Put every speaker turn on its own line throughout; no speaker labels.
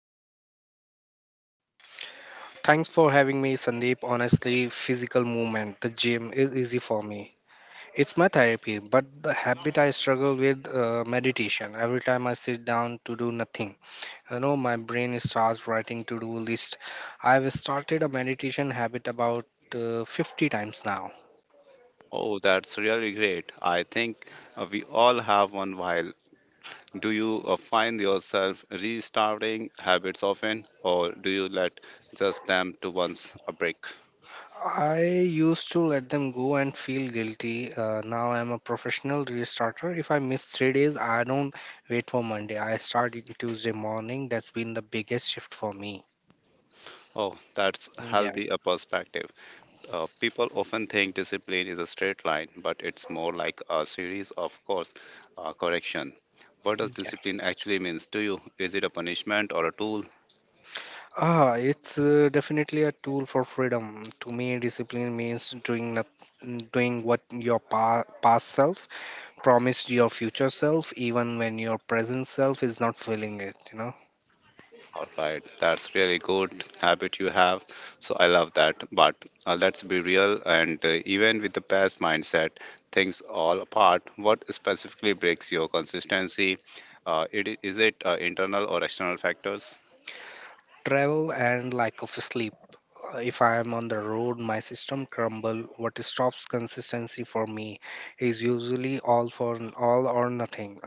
seem to maintain?
Thanks for having me, Sandeep. Honestly, physical movement, the gym is easy for me. It's my therapy, but the habit I struggle with meditation. Every time I sit down to do nothing, my brain starts writing to-do list. I've started a meditation habit about 50 times now.
Oh, that's really great. I think we all have one while Do you find yourself restarting habits often, or do you let just them to once a break?
I used to let them go and feel guilty. Now I'm a professional restarter. If I miss 3 days, I don't wait for Monday. I start it Tuesday morning. That's been the biggest shift for me.
Oh, that's
Yeah,
healthy a perspective. People often think discipline is a straight line, but it's more like a series of course correction. What does
yeah.
discipline actually means to you? Is it a punishment or a tool?
It's definitely a tool for freedom. To me, discipline means doing not, doing what your past self promised your future self, even when your present self is not feeling it. You know,
All right, that's really good habit you have. So I love that. But let's be real, and even with the past mindset, things all apart. What specifically breaks your consistency? Is it internal or external factors?
travel and lack of sleep. If I am on the road, my system crumble. What stops consistency for me is usually all or nothing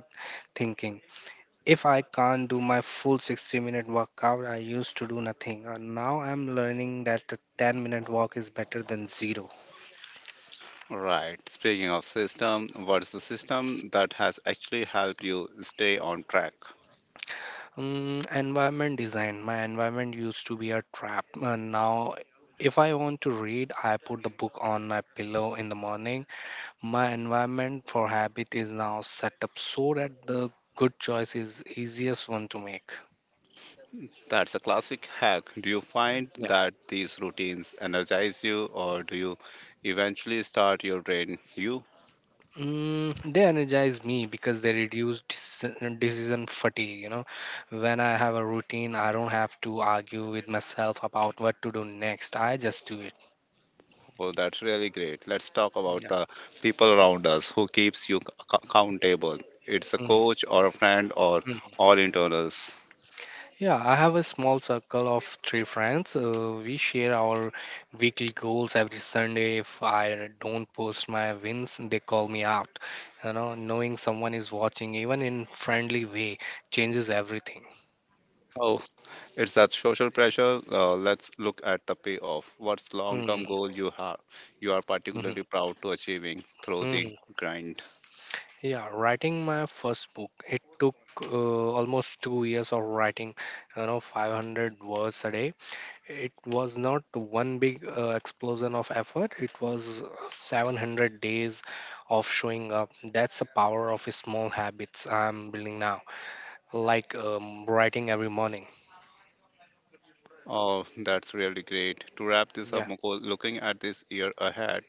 thinking. If I can't do my full 60-minute workout, I used to do nothing. And now I'm learning that the 10-minute walk is better than zero.
Right. Speaking of system, what's the system that has actually helped you stay on track?
Environment design. My environment used to be a trap. And now, if I want to read, I put the book on my pillow in the morning. My environment for habit is now set up so that the good choice is easiest one to make.
That's a classic hack. Do you find
Yeah.
that these routines energize you, or do you eventually start your drain you?
Mm, they energize me because they reduce decision fatigue. You know, when I have a routine, I don't have to argue with myself about what to do next. I just do it.
Well, that's really great. Let's talk about
Yeah.
the people around us who keeps you accountable. It's a
Mhm.
coach or a friend or
Mhm.
all internals.
Yeah, I have a small circle of three friends. We share our weekly goals every Sunday. If I don't post my wins, they call me out. You know, knowing someone is watching, even in friendly way, changes everything.
Oh, it's that social pressure. Let's look at the payoff. What's long-term
Hmm.
goal you have? You are particularly proud to achieving through the
Mhm.
grind.
Yeah, writing my first book. It took uh, almost 2 years of writing, you know, 500 words a day. It was not one big explosion of effort. It was 700 days of showing up. That's the power of small habits I'm building now, like writing every morning.
Oh, that's really great. To wrap this up,
Yeah,
Mukul, looking at this year ahead,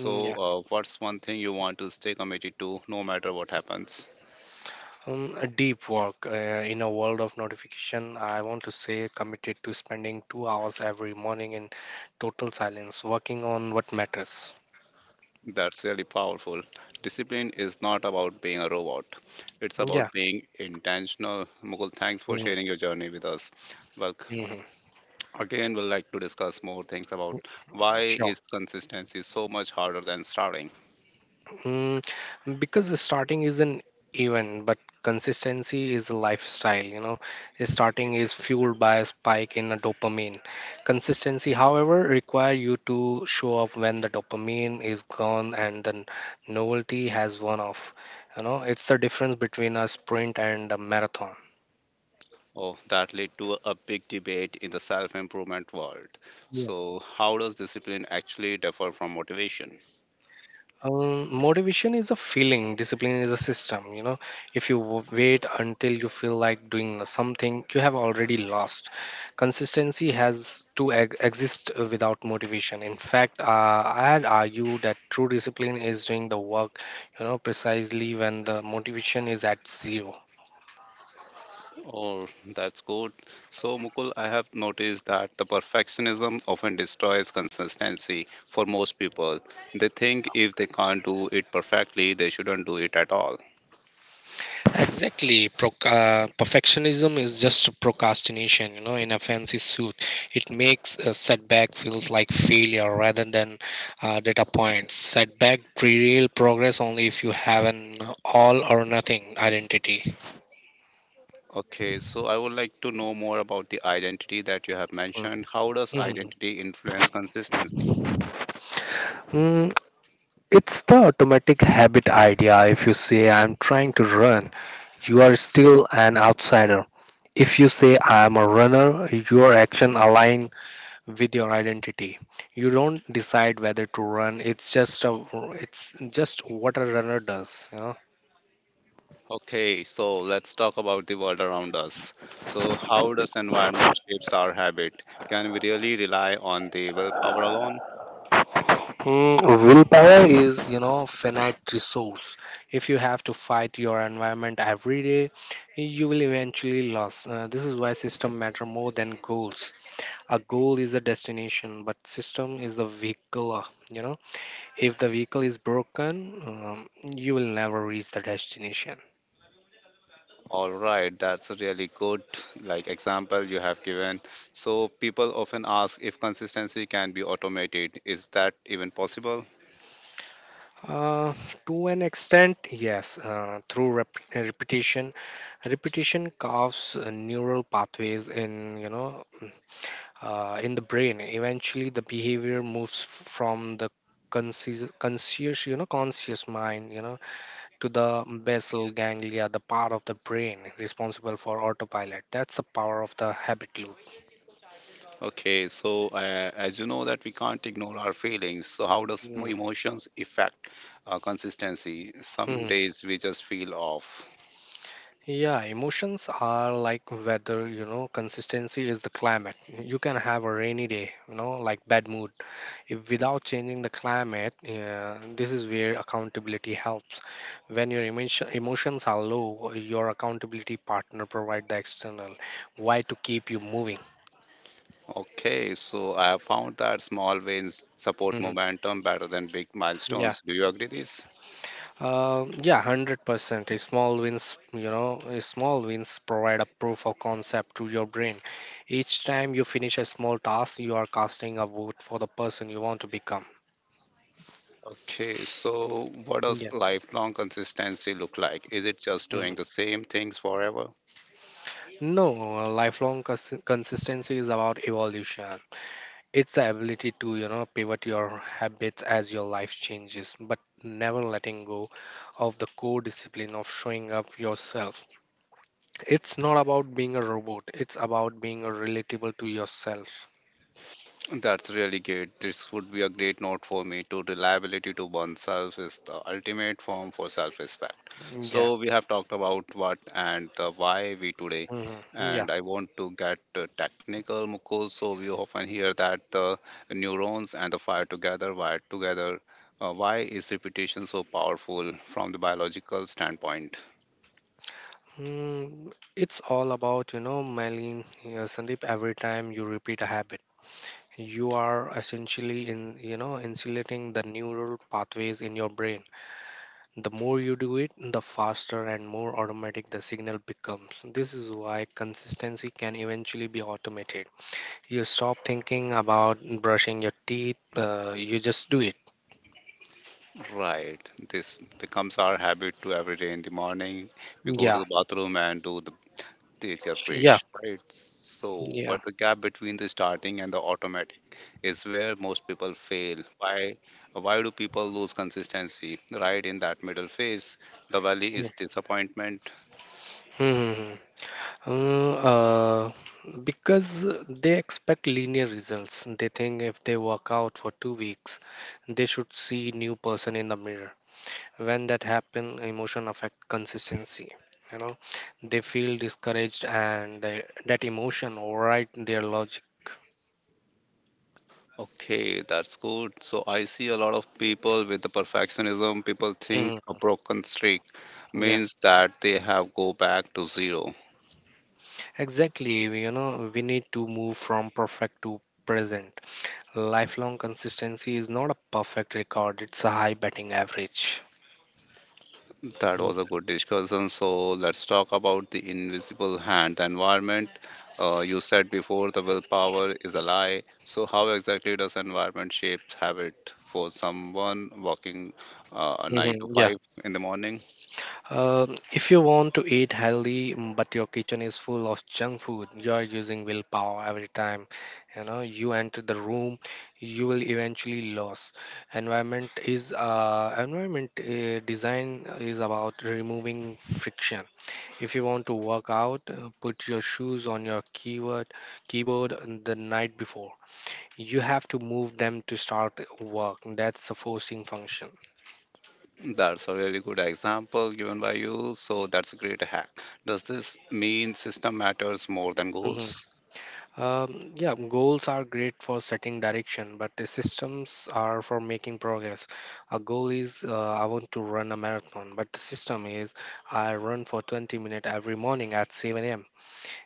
Mm, yeah.
what's one thing you want to stay committed to, no matter what happens?
Um, a deep work in a world of notification. I want to say committed to spending 2 hours every morning in total silence, working on what matters.
That's really powerful. Discipline is not about being a robot. It's about
Yeah.
being intentional. Mukul, thanks for
Mm-hmm.
sharing your journey with us. Well,
Mm-hmm.
again, we'll like to discuss more things about why
Yeah, sure.
is consistency so much harder than starting.
Mm, because the starting is an event, but consistency is a lifestyle. You know, starting is fueled by a spike in a dopamine. Consistency, however, require you to show up when the dopamine is gone and the novelty has worn off. You know, it's the difference between a sprint and a marathon.
Oh, that led to a big debate in the self-improvement world. So, how does discipline actually differ from motivation?
Motivation is a feeling, discipline is a system. You know, if you wait until you feel like doing something, you have already lost. Consistency has to exist without motivation. In fact, I'd argue that true discipline is doing the work, you know, precisely when the motivation is at zero.
Oh, that's good. So, Mukul, I have noticed that the perfectionism often destroys consistency for most people. They think if they can't do it perfectly, they shouldn't do it at all.
Exactly. Perfectionism is just procrastination, you know, in a fancy suit. It makes a setback feels like failure rather than data points. Setback real progress only if you have an all or nothing identity.
Okay, so I would like to know more about the identity that you have
Mm.
mentioned. How does
Mhm.
identity influence consistency?
Mm, it's the automatic habit idea. If you say I'm trying to run, you are still an outsider. If you say I am a runner, your action align with your identity. You don't decide whether to run. It's just what a runner does, you know.
Okay, so let's talk about the world around us. So, how does environment shapes our habit? Can we really rely on the willpower alone?
Willpower is, you know, finite resource. If you have to fight your environment every day, you will eventually lose. This is why system matter more than goals. A goal is a destination, but system is a vehicle. You know, if the vehicle is broken, you will never reach the destination.
All right, that's a really good like example you have given. So people often ask if consistency can be automated. Is that even possible?
Uh, to an extent, yes, through repetition. Repetition carves neural pathways in, you know, in the brain. Eventually, the behavior moves from the conscious mind, you know, to the basal ganglia, the part of the brain responsible for autopilot. That's the power of the habit loop.
Okay, so as you know that we can't ignore our feelings. So how does
Mm-hmm.
emotions affect consistency? Some days we just feel off.
Yeah, emotions are like weather, you know, consistency is the climate. You can have a rainy day, you know, like bad mood. If without changing the climate, yeah, this is where accountability helps. When your emotions are low, your accountability partner provide the external why to keep you moving.
Okay, so I have found that small wins support
Hmm.
momentum better than big
Yeah.
milestones. Do you agree this?
Yeah, 100%. A small wins provide a proof of concept to your brain. Each time you finish a small task, you are casting a vote for the person you want to become.
Okay, so what
Yeah.
does lifelong consistency look like? Is it just
Mhm.
doing the same things forever?
No, lifelong consistency is about evolution. It's the ability to, you know, pivot your habits as your life changes, but never letting go of the core discipline of showing up yourself. It's not about being a robot, it's about being relatable to yourself.
That's really good. This would be a great note for me to reliability to oneself is the ultimate form for self respect.
Mm, Yeah,
So, we have talked about what and the why we today,
mhm, yeah.
and I want to get technical, Mukul. So, we often hear that the neurons and the fire together, wired together. Why is repetition so powerful from the biological standpoint?
It's all about, you know, Malin, yeah, Sandeep, every time you repeat a habit, you are essentially in, you know, insulating the neural pathways in your brain. The more you do it, the faster and more automatic the signal becomes. This is why consistency can eventually be automated. You stop thinking about brushing your teeth, you just do it.
Right. This becomes our habit to every day in the morning. We go to
Yeah,
the bathroom and do the take a
yeah,
brush, right? So,
yeah.
but the gap between the starting and the automatic is where most people fail. Why? Why do people lose consistency? Right in that middle phase, the valley
Mm.
is disappointment.
Hmm. Mm, because they expect linear results. They think if they work out for 2 weeks, they should see new person in the mirror. When that happen, emotion affect consistency. You know, they feel discouraged, and that emotion override their logic.
Okay, that's good. So I see a lot of people with the perfectionism. People think
Mhm.
a broken streak
Yeah,
means that they have go back to zero.
exactly. You know, we need to move from perfect to present. Lifelong consistency is not a perfect record; it's a high batting average.
That was a good discussion. So let's talk about the invisible hand, the environment. You said before the willpower is a lie. So how exactly does environment shape habit for someone working a nine
Mhm.
to
Yeah.
five in the morning?
If you want to eat healthy, but your kitchen is full of junk food, you are using willpower every time. You know, you enter the room, you will eventually lose. Environment design is about removing friction. If you want to work out, put your shoes on your keyboard the night before. You have to move them to start work. That's a forcing function.
That's a really good example given by you. So that's a great hack. Does this mean system matters more than goals?
Mm-hmm. Yeah, goals are great for setting direction, but the systems are for making progress. A goal is I want to run a marathon, but the system is I run for 20 minutes every morning at 7 a.m.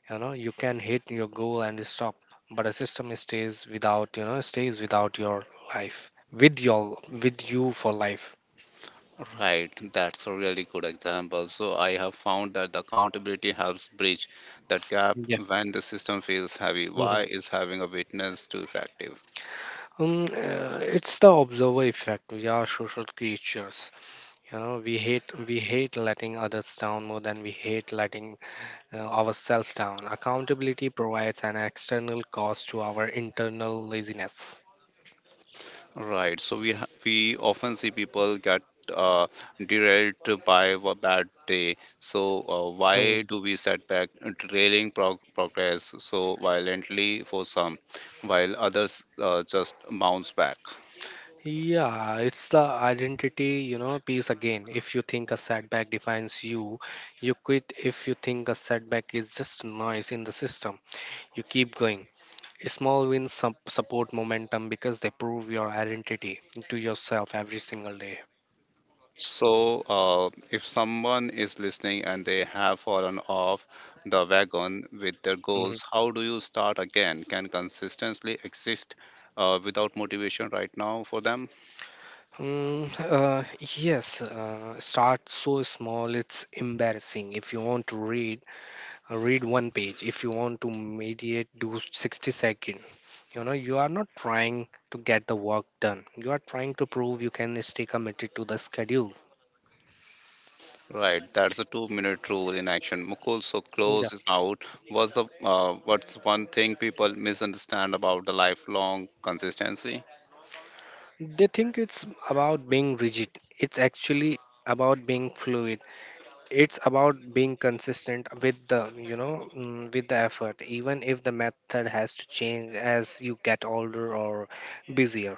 You know, you can hit your goal and stop, but a system stays without, you know, stays without your with with you for life.
Right, that's a really good example. So I have found that the accountability helps bridge that gap
Yeah.
when the system feels heavy. Why
Mhm.
is having a witness too effective?
It's the observer effect. We are social creatures. You know, we hate letting others down more than we hate letting ourselves down. Accountability provides an external cost to our internal laziness.
Right. So we often see people get uh, derailed by a bad day. So why
Mhm.
do we set back derailing progress so violently for some, while others just bounce back?
Yeah, it's the identity, you know, piece again. If you think a setback defines you, you quit. If you think a setback is just noise in the system, you keep going. Small wins support momentum because they prove your identity to yourself every single day.
So, if someone is listening and they have fallen off the wagon with their
Mm-hmm.
goals, how do you start again? Can consistency exist without motivation right now for them?
Mm, yes, start so small it's embarrassing. If you want to read, read one page. If you want to mediate, do 60 second. You know, you are not trying to get the work done. You are trying to prove you can stay committed to the schedule.
Right, that's a two-minute rule in action. Mukul, so
Yeah.
close is out. What's the what's one thing people misunderstand about the lifelong consistency?
They think it's about being rigid. It's actually about being fluid. It's about being consistent with the with the effort even if the method has to change as you get older or busier.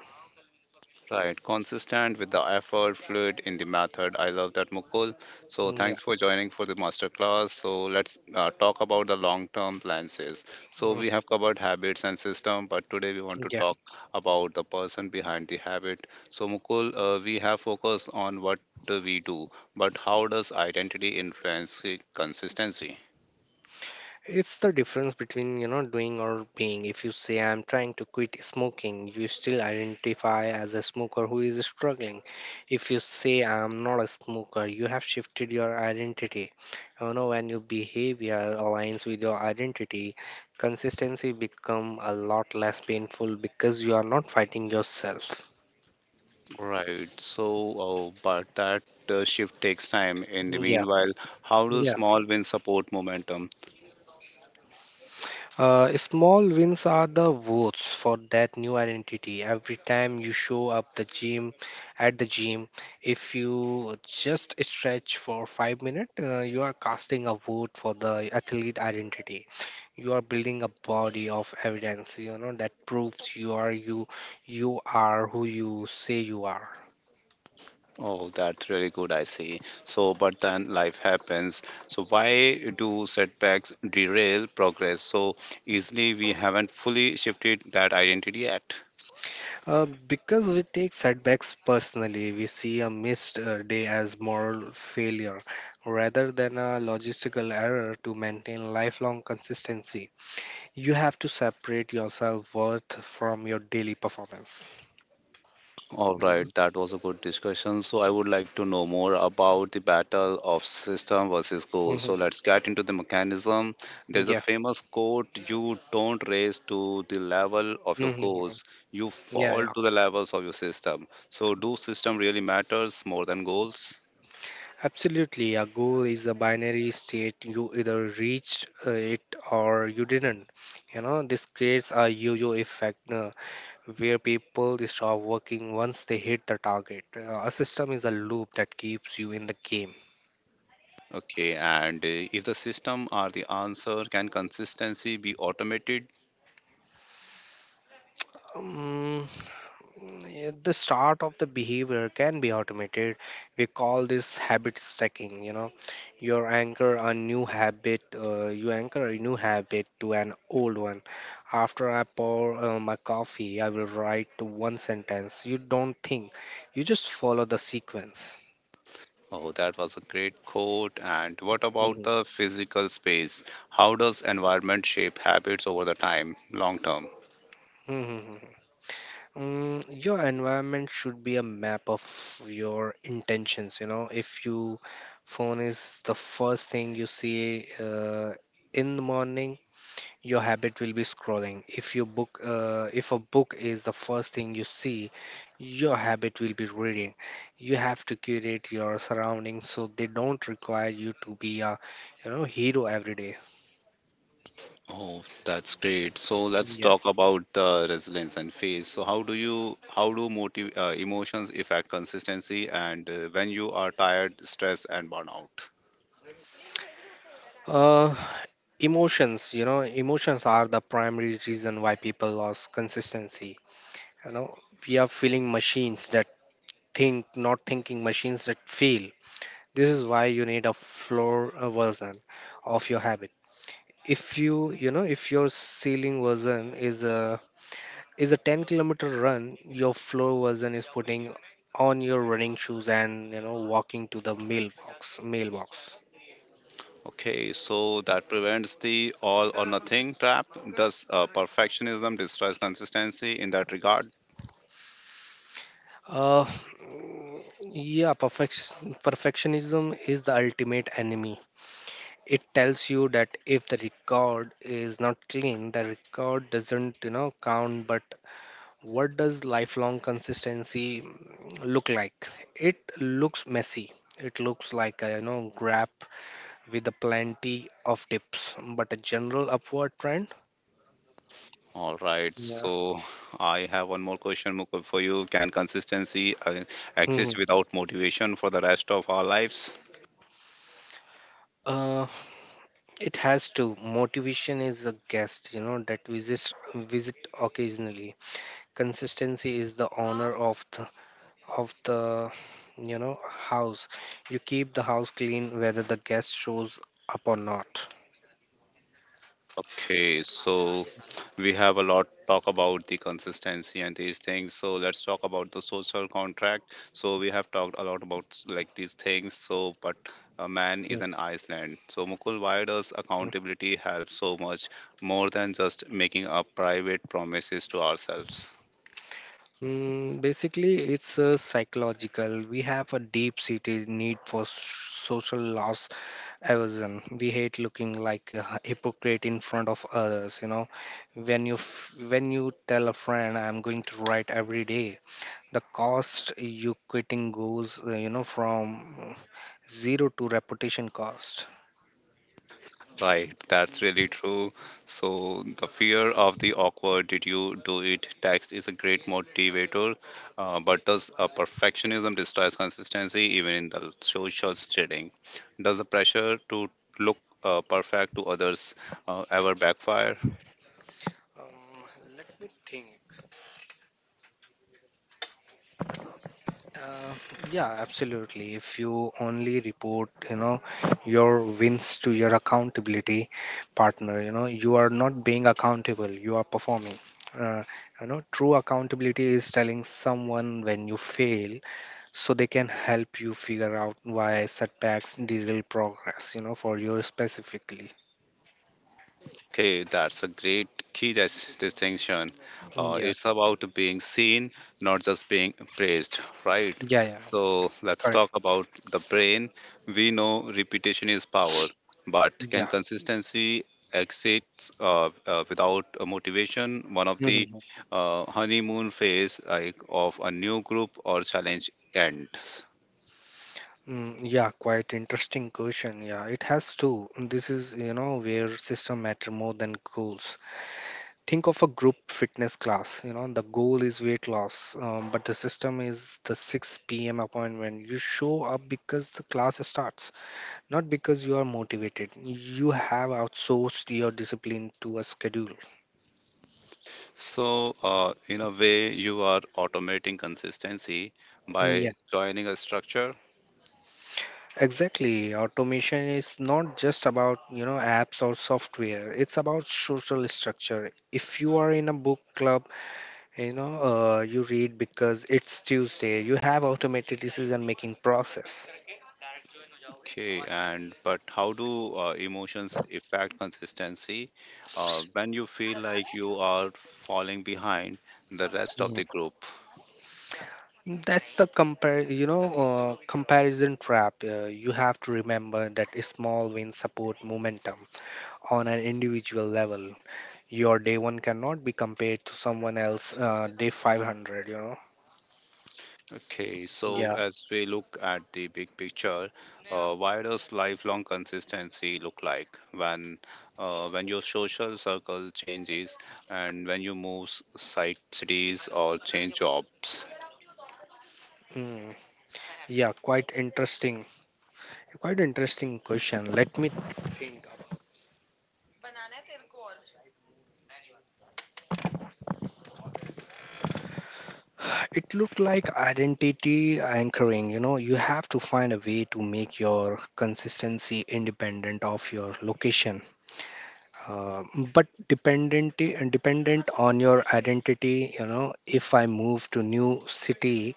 Right, consistent with the effort, fluid in the method. I love that, Mukul. So
Mm, yeah
thanks for joining for the masterclass. So let's talk about the long-term plans. Is. So we
Mm,
have covered habits and system, but today we want to
yeah.
talk about the person behind the habit. So Mukul, we have focused on what we do, but how does identity influence the consistency?
It's the difference between, you know, doing or being. If you say, I'm trying to quit smoking, you still identify as a smoker who is struggling. If you say, I'm not a smoker, you have shifted your identity. You know, when your behavior aligns with your identity, consistency become a lot less painful because you are not fighting yourself.
Right. So, but that shift takes time. In the
Yeah,
meanwhile, how do
yeah.
small wins support momentum?
Small wins are the votes for that new identity. Every time you show up the gym, at the gym, if you just stretch for 5 minutes, you are casting a vote for the athlete identity. You are building a body of evidence, you know, that proves you are who you say you are.
Oh, that's really good, I see. So, but then life happens. So, why do setbacks derail progress so easily? We haven't fully shifted that identity yet.
Because we take setbacks personally, we see a missed day as moral failure rather than a logistical error to maintain lifelong consistency. You have to separate yourself worth from your daily performance.
All
You
right, that was a good discussion. So, I would like to know more about the battle of system versus
know?
goal.
Hmm.
So, let's get into the mechanism. There's a
Yeah.
famous quote you don't raise to the level of your
Hmm.
goals, you
Yeah,
fall
yeah.
to the levels of your system. So, do system really matters more than goals?
Absolutely. A goal is a binary state. You either reached it or you didn't. You know, this creates a yo yo effect. Where people stop working once they hit the target. A system is a loop that keeps you in the game.
Okay, and if the system are the answer, can consistency be automated?
Um, yeah, the start of the behavior can be automated. We call this habit stacking. You anchor a new habit. You anchor a new habit to an old one. After I pour my coffee, I will write to one sentence. You don't think. You just follow the sequence.
Oh, that was a great quote. And what about the physical space? How does environment shape habits over the time, long term?
Mhm. Your environment should be a map of your intentions. You know, if you phone is the first thing you see in the morning, your habit will be scrolling. If your book, if a book is the first thing you see, your habit will be reading. You have to curate your surroundings so they don't require you to be a, hero every day.
Oh, that's great. So let's
Yeah.
talk about the resilience and phase. So how do you how do motive emotions affect consistency and when you are tired, stressed, and burnout?
Uh, Emotions, emotions are the primary reason why people lost consistency you know we are feeling machines that think, not thinking machines that feel. This is why you need a floor version of your habit. If you you know if your ceiling version is a 10-kilometer run, your floor version is putting on your running shoes and, you know, walking to the mailbox.
Okay, so that prevents the all or nothing trap. Does perfectionism destroys consistency in that regard?
Yeah, perfectionism is the ultimate enemy. It tells you that if the record is not clean, the record doesn't, you know, count. But what does lifelong consistency look like? It looks messy. It looks like a, you know, graph with a plenty of dips but a general upward trend.
All right,
Yeah.
so I have one more question Mukul, for you. Can consistency exist
Mhm.
without motivation for the rest of our lives?
Uh, it has to. Motivation is a guest, you know, that visits visit occasionally. Consistency is the honor of the you know house. You keep the house clean whether the guest shows up or not.
Okay, so we have a lot talk about the consistency and these things. So let's talk about the social contract. So we have talked a lot about like these things. So, but a man is an Iceland. So Mukul, why does
Mhm.
accountability help so much more than just making up private promises to ourselves?
Basically it's a psychological, we have a deep seated need for social loss aversion. We hate looking like a hypocrite in front of others, you know. When you when you tell a friend I'm going to write every day, the cost you quitting goes, you know, from zero to reputation cost.
Right, that's really true. So, the fear of the awkward, did you do it? Text is a great motivator, but does a perfectionism destroys consistency even in the social setting? Does the pressure to look perfect to others ever backfire?
Um, Let me think. Uh, yeah, absolutely. If you only report, you know, your wins to your accountability partner, you know, you are not being accountable. You are performing. Uh, you know, true accountability is telling someone when you fail, so they can help you figure out why setbacks derail progress. You know, for you specifically.
Okay, that's a great key distinction.
Yeah.
It's about being seen, not just being praised, right?
Yeah. Yeah.
So let's
Correct.
talk about the brain. We know repetition is power, but can consistency exist without a motivation? One of
Yeah.
the honeymoon phase like of a new group or challenge ends.
Yeah, quite interesting question. Yeah, it has to. This is, you know, where system matter more than goals. Think of a group fitness class. You know, the goal is weight loss, but the system is the 6 p.m. appointment. You show up because the class starts, not because you are motivated. You have outsourced your discipline to a schedule.
So, in a way, you are automating consistency
Yeah,
by joining a structure.
exactly. Automation is not just about, you know, apps or software. It's about social structure. If you are in a book club, you read because it's Tuesday. You have automated decision making process.
Okay, and but how do emotions affect consistency? When you feel like you are falling behind the rest of
Yeah.
the group.
That's the compare, comparison trap. You have to remember that small wins support momentum on an individual level. Your day one cannot be compared to someone else day 500, you know.
Okay, so
Yeah.
as we look at the big picture, why does lifelong consistency look like when your social circle changes and when you move site cities or change jobs?
Hmm. Yeah, quite interesting, quite interesting question. Let me think. It looked like identity anchoring. You know, you have to find a way to make your consistency independent of your location, uh, but dependent on your identity. You know, if I move to new city,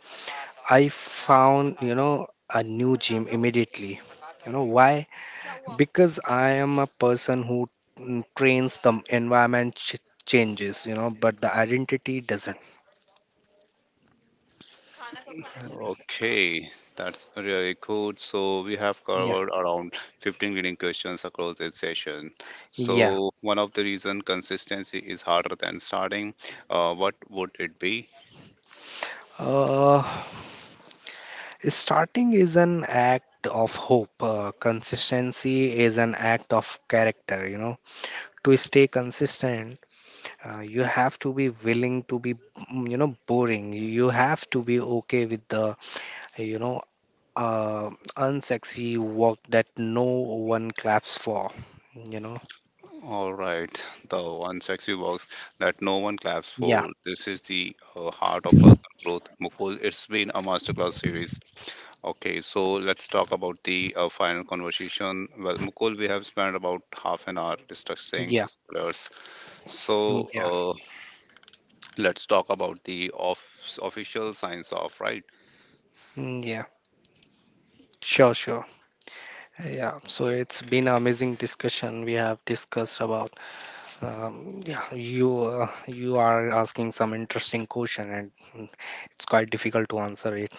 I found, you know, a new gym immediately. You know why? Because I am a person who, trains the environment changes. You know, but the identity doesn't.
Okay, that's really good. So we have
Yeah.
covered around 15 leading questions across this session.
Yeah.
So one of the reason consistency is harder than starting. What would it be?
Uh, Starting is an act of hope. Consistency is an act of character, you know. To stay consistent, you have to be willing to be, you know, boring. You have to be okay with the, you know, uh, unsexy work that no one claps for, you know.
All right, the one sexy box that no one claps
Yeah,
for. This is the heart of personal growth. Mukul, it's been a masterclass series. Okay, so let's talk about the final conversation. Well, Mukul, we have spent about half an hour discussing
yeah,
these pillars.
mm,
So,
yeah,
let's talk about the official signs off, right?
mm, yeah.
Okay,
Sure, sure. Yeah, so it's been an amazing discussion. We have discussed about yeah, you are asking some interesting question, and, it's quite difficult to answer it.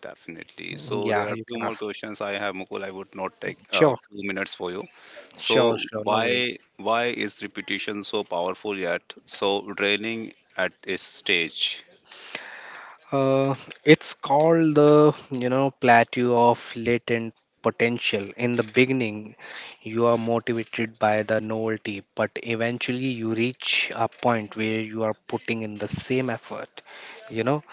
definitely. So
Yeah,
there are
you
few
can
more
ask.
questions I have, Mukul. I would not take a
Sure,
few minutes for you.
sure,
So
sure. No worries.
why is repetition so powerful yet so draining at this stage?
Uh, it's called the, you know, plateau of latent potential. In the beginning, you are motivated by the novelty, but eventually you reach a point where you are putting in the same effort. You know,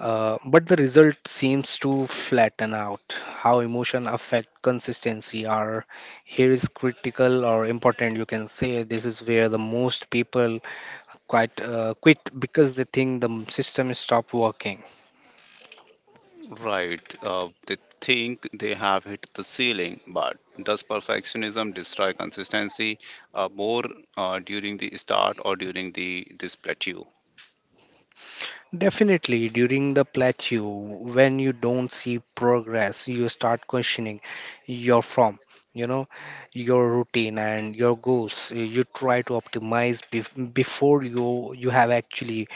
But the result seems to flatten out. How emotion affect consistency are here is critical or important, you can say. This is where the most people quite quit because they think the system is stop working.
Right. They think they have hit the ceiling, but does perfectionism destroy consistency more during the start or during the this plateau?
Definitely, during the plateau, when you don't see progress, you start questioning your form, you know, your routine and your goals. You try to optimize before you have actually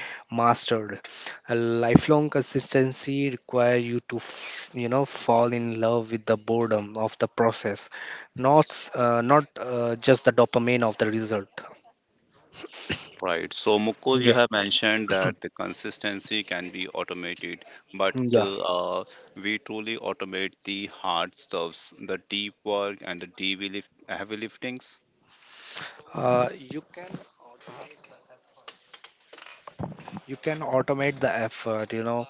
mastered. A lifelong consistency require you to, you know, fall in love with the boredom of the process, not just the dopamine of the result.
Right. So, Mukul, you
Yeah,
have mentioned that the consistency can be automated, but
yeah.
we truly automate the hard stuffs, the deep work and the heavy liftings.
Uh, you can You can automate the effort, you know,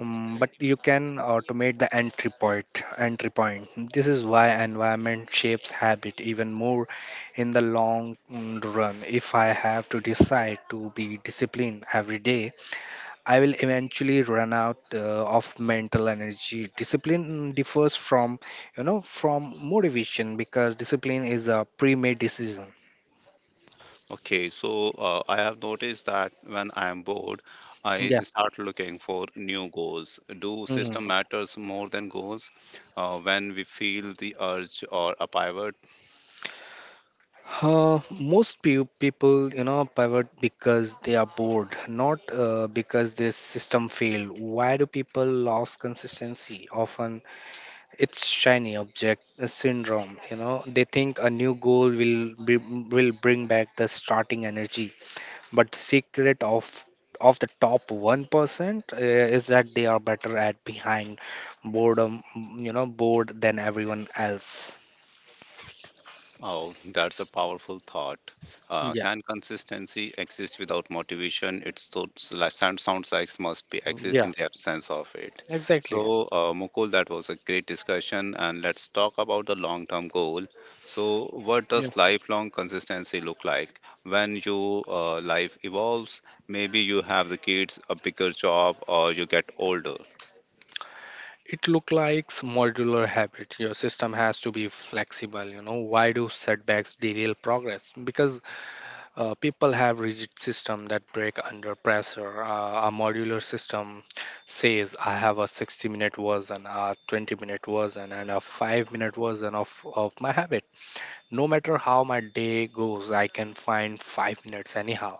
but you can automate the entry point. Entry point. This is why environment shapes habit even more in the long run. If I have to decide to be disciplined every day, I will eventually run out of mental energy. Discipline differs from, from motivation because discipline is a pre-made decision.
Okay, so I have noticed that when I am bored, I start looking for new goals. Do
Yeah.
system matters more than goals? When we feel the urge or a pivot,
Most people, you know, pivot because they are bored, not because their system failed. Why do people lose consistency? Often it's shiny object syndrome. You know, they think a new goal will bring back the starting energy, but the secret of the top 1% is that they are better at behind boredom, you know, bored than everyone else.
Oh, that's a powerful thought.
Yeah,
Can consistency exist without motivation? It so, sounds like must be exist
yeah,
in the absence of it. So,
exactly.
Mukul, that was a great discussion, and let's talk about the long-term goal. So, what does lifelong consistency look like? When your life evolves, maybe you have the kids, a bigger job, or you get older.
It look like modular habit. Your system has to be flexible. You know, why do setbacks derail progress? Because people have rigid system that break under pressure. A modular system says I have a 60-minute version, a 20-minute version, and a 5 minute version of my habit. No matter how my day goes, I can find 5 minutes anyhow.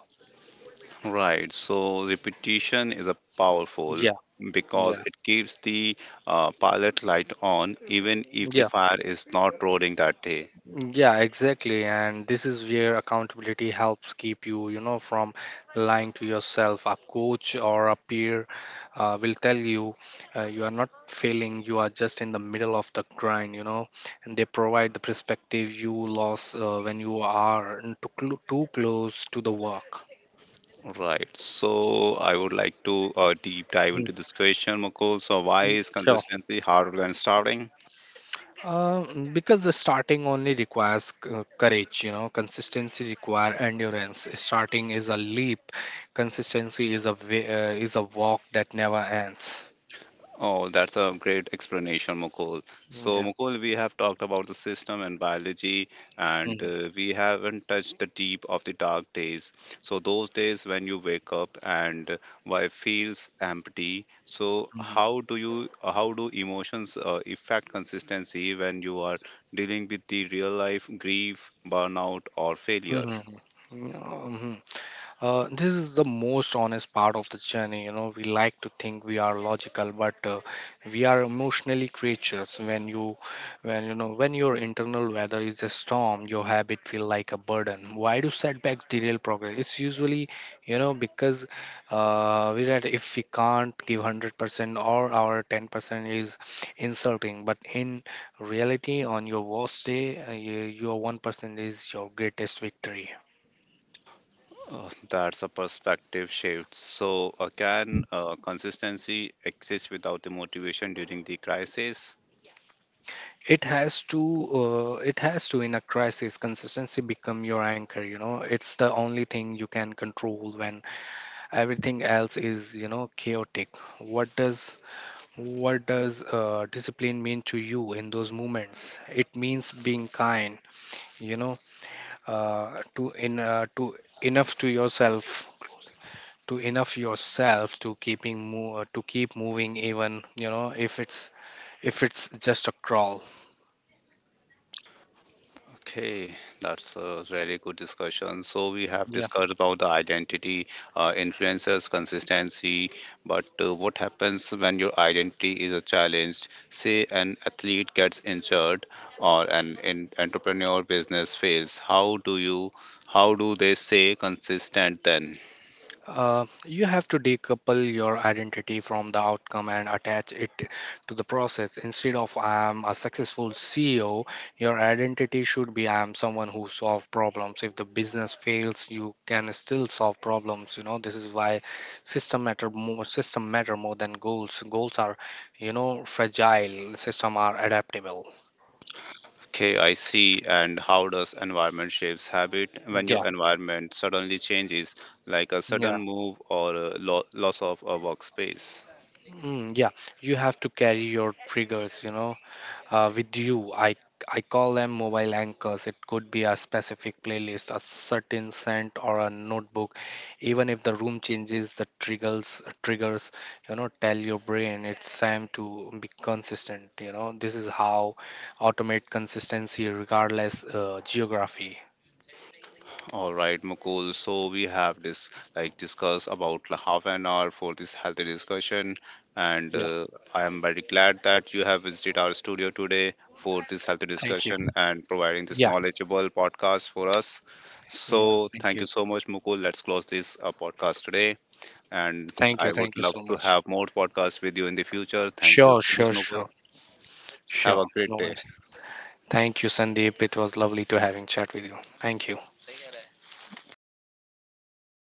Right, so repetition is a powerful
Yeah,
because
yeah,
it keeps the pilot light on even if the
yeah.
fire is not roaring that day.
Yeah, exactly. And this is where accountability helps keep you, you know, from lying to yourself. A coach or a peer will tell you you are not failing, you are just in the middle of the grind, you know, and they provide the perspective you lost when you are too, too close to the work.
Right, so I would like to deep dive
Mhm.
into this question, Mukul. So, why is
Sure.
consistency harder than starting?
Because the starting only requires courage, you know, consistency require endurance. Starting is a leap, consistency is a walk that never ends.
Oh, that's a great explanation, Mukul. So,
Yeah.
Mukul, we have talked about the system and biology, and
Mhm,
we haven't touched the deep of the dark days. So, those days when you wake up and why feels empty. So,
mhm,
how do you, how do emotions affect consistency when you are dealing with the real life grief, burnout, or failure?
mhm. Mhm. This is the most honest part of the journey. You know, we like to think we are logical, but we are emotionally creatures. When when your internal weather is a storm, your habit feel like a burden. Why do setbacks derail progress? It's usually, you know, because we that if we can't give 100% or our 10% is insulting. But in reality, on your worst day, your 1% is your greatest victory.
That's a perspective shift. So, can consistency exist without the motivation during the crisis?
It has to, it has to. In a crisis, consistency become your anchor, you know. It's the only thing you can control when everything else is, you know, chaotic. What does discipline mean to you in those moments? It means being kind, you know, to enough to yourself to enough yourself, to keep moving, even, you know, if it's just a crawl.
Okay, that's a really good discussion. So we have discussed about the identity, influencers, consistency, but what happens when your identity is a challenged? Say an athlete gets injured or an entrepreneur business fails. How do you, how do they stay consistent then?
You have to decouple your identity from the outcome and attach it to the process. Instead of I am a successful CEO, your identity should be I am someone who solve problems. If the business fails, you can still solve problems. You know, this is why system matter more. System matter more than goals. Goals are, you know, fragile. System are adaptable.
Okay, I see. And how does environment shapes habit when
Yeah.
your environment suddenly changes like a
Yeah,
sudden move or a loss of a workspace.
yeah. You have to carry your triggers, you know, with you. I call them mobile anchors. It could be a specific playlist, a certain scent, or a notebook. Even if the room changes, the triggers you know tell your brain it's time to be consistent. You know, this is how automate consistency, regardless geography.
All right Mukul, so we have this like discussed about half an hour for this healthy discussion and
Yeah.
I am very glad that you have visited our studio today for this healthy
Thank you.
discussion and providing this
Yeah.
knowledgeable podcast for us. So
Yeah. Thank
thank
you.
you so much Mukul, let's close this podcast today. And
Thank you.
I
Thank you
would
so
love to
much.
have more podcasts with you in the future. Thank
Sure.
you so
Sure.
much, Mukul.
Sure.
Have
Sure.
a
No
great day.
worries. Thank you, Sandeep. It was lovely to having chat with you. Thank you.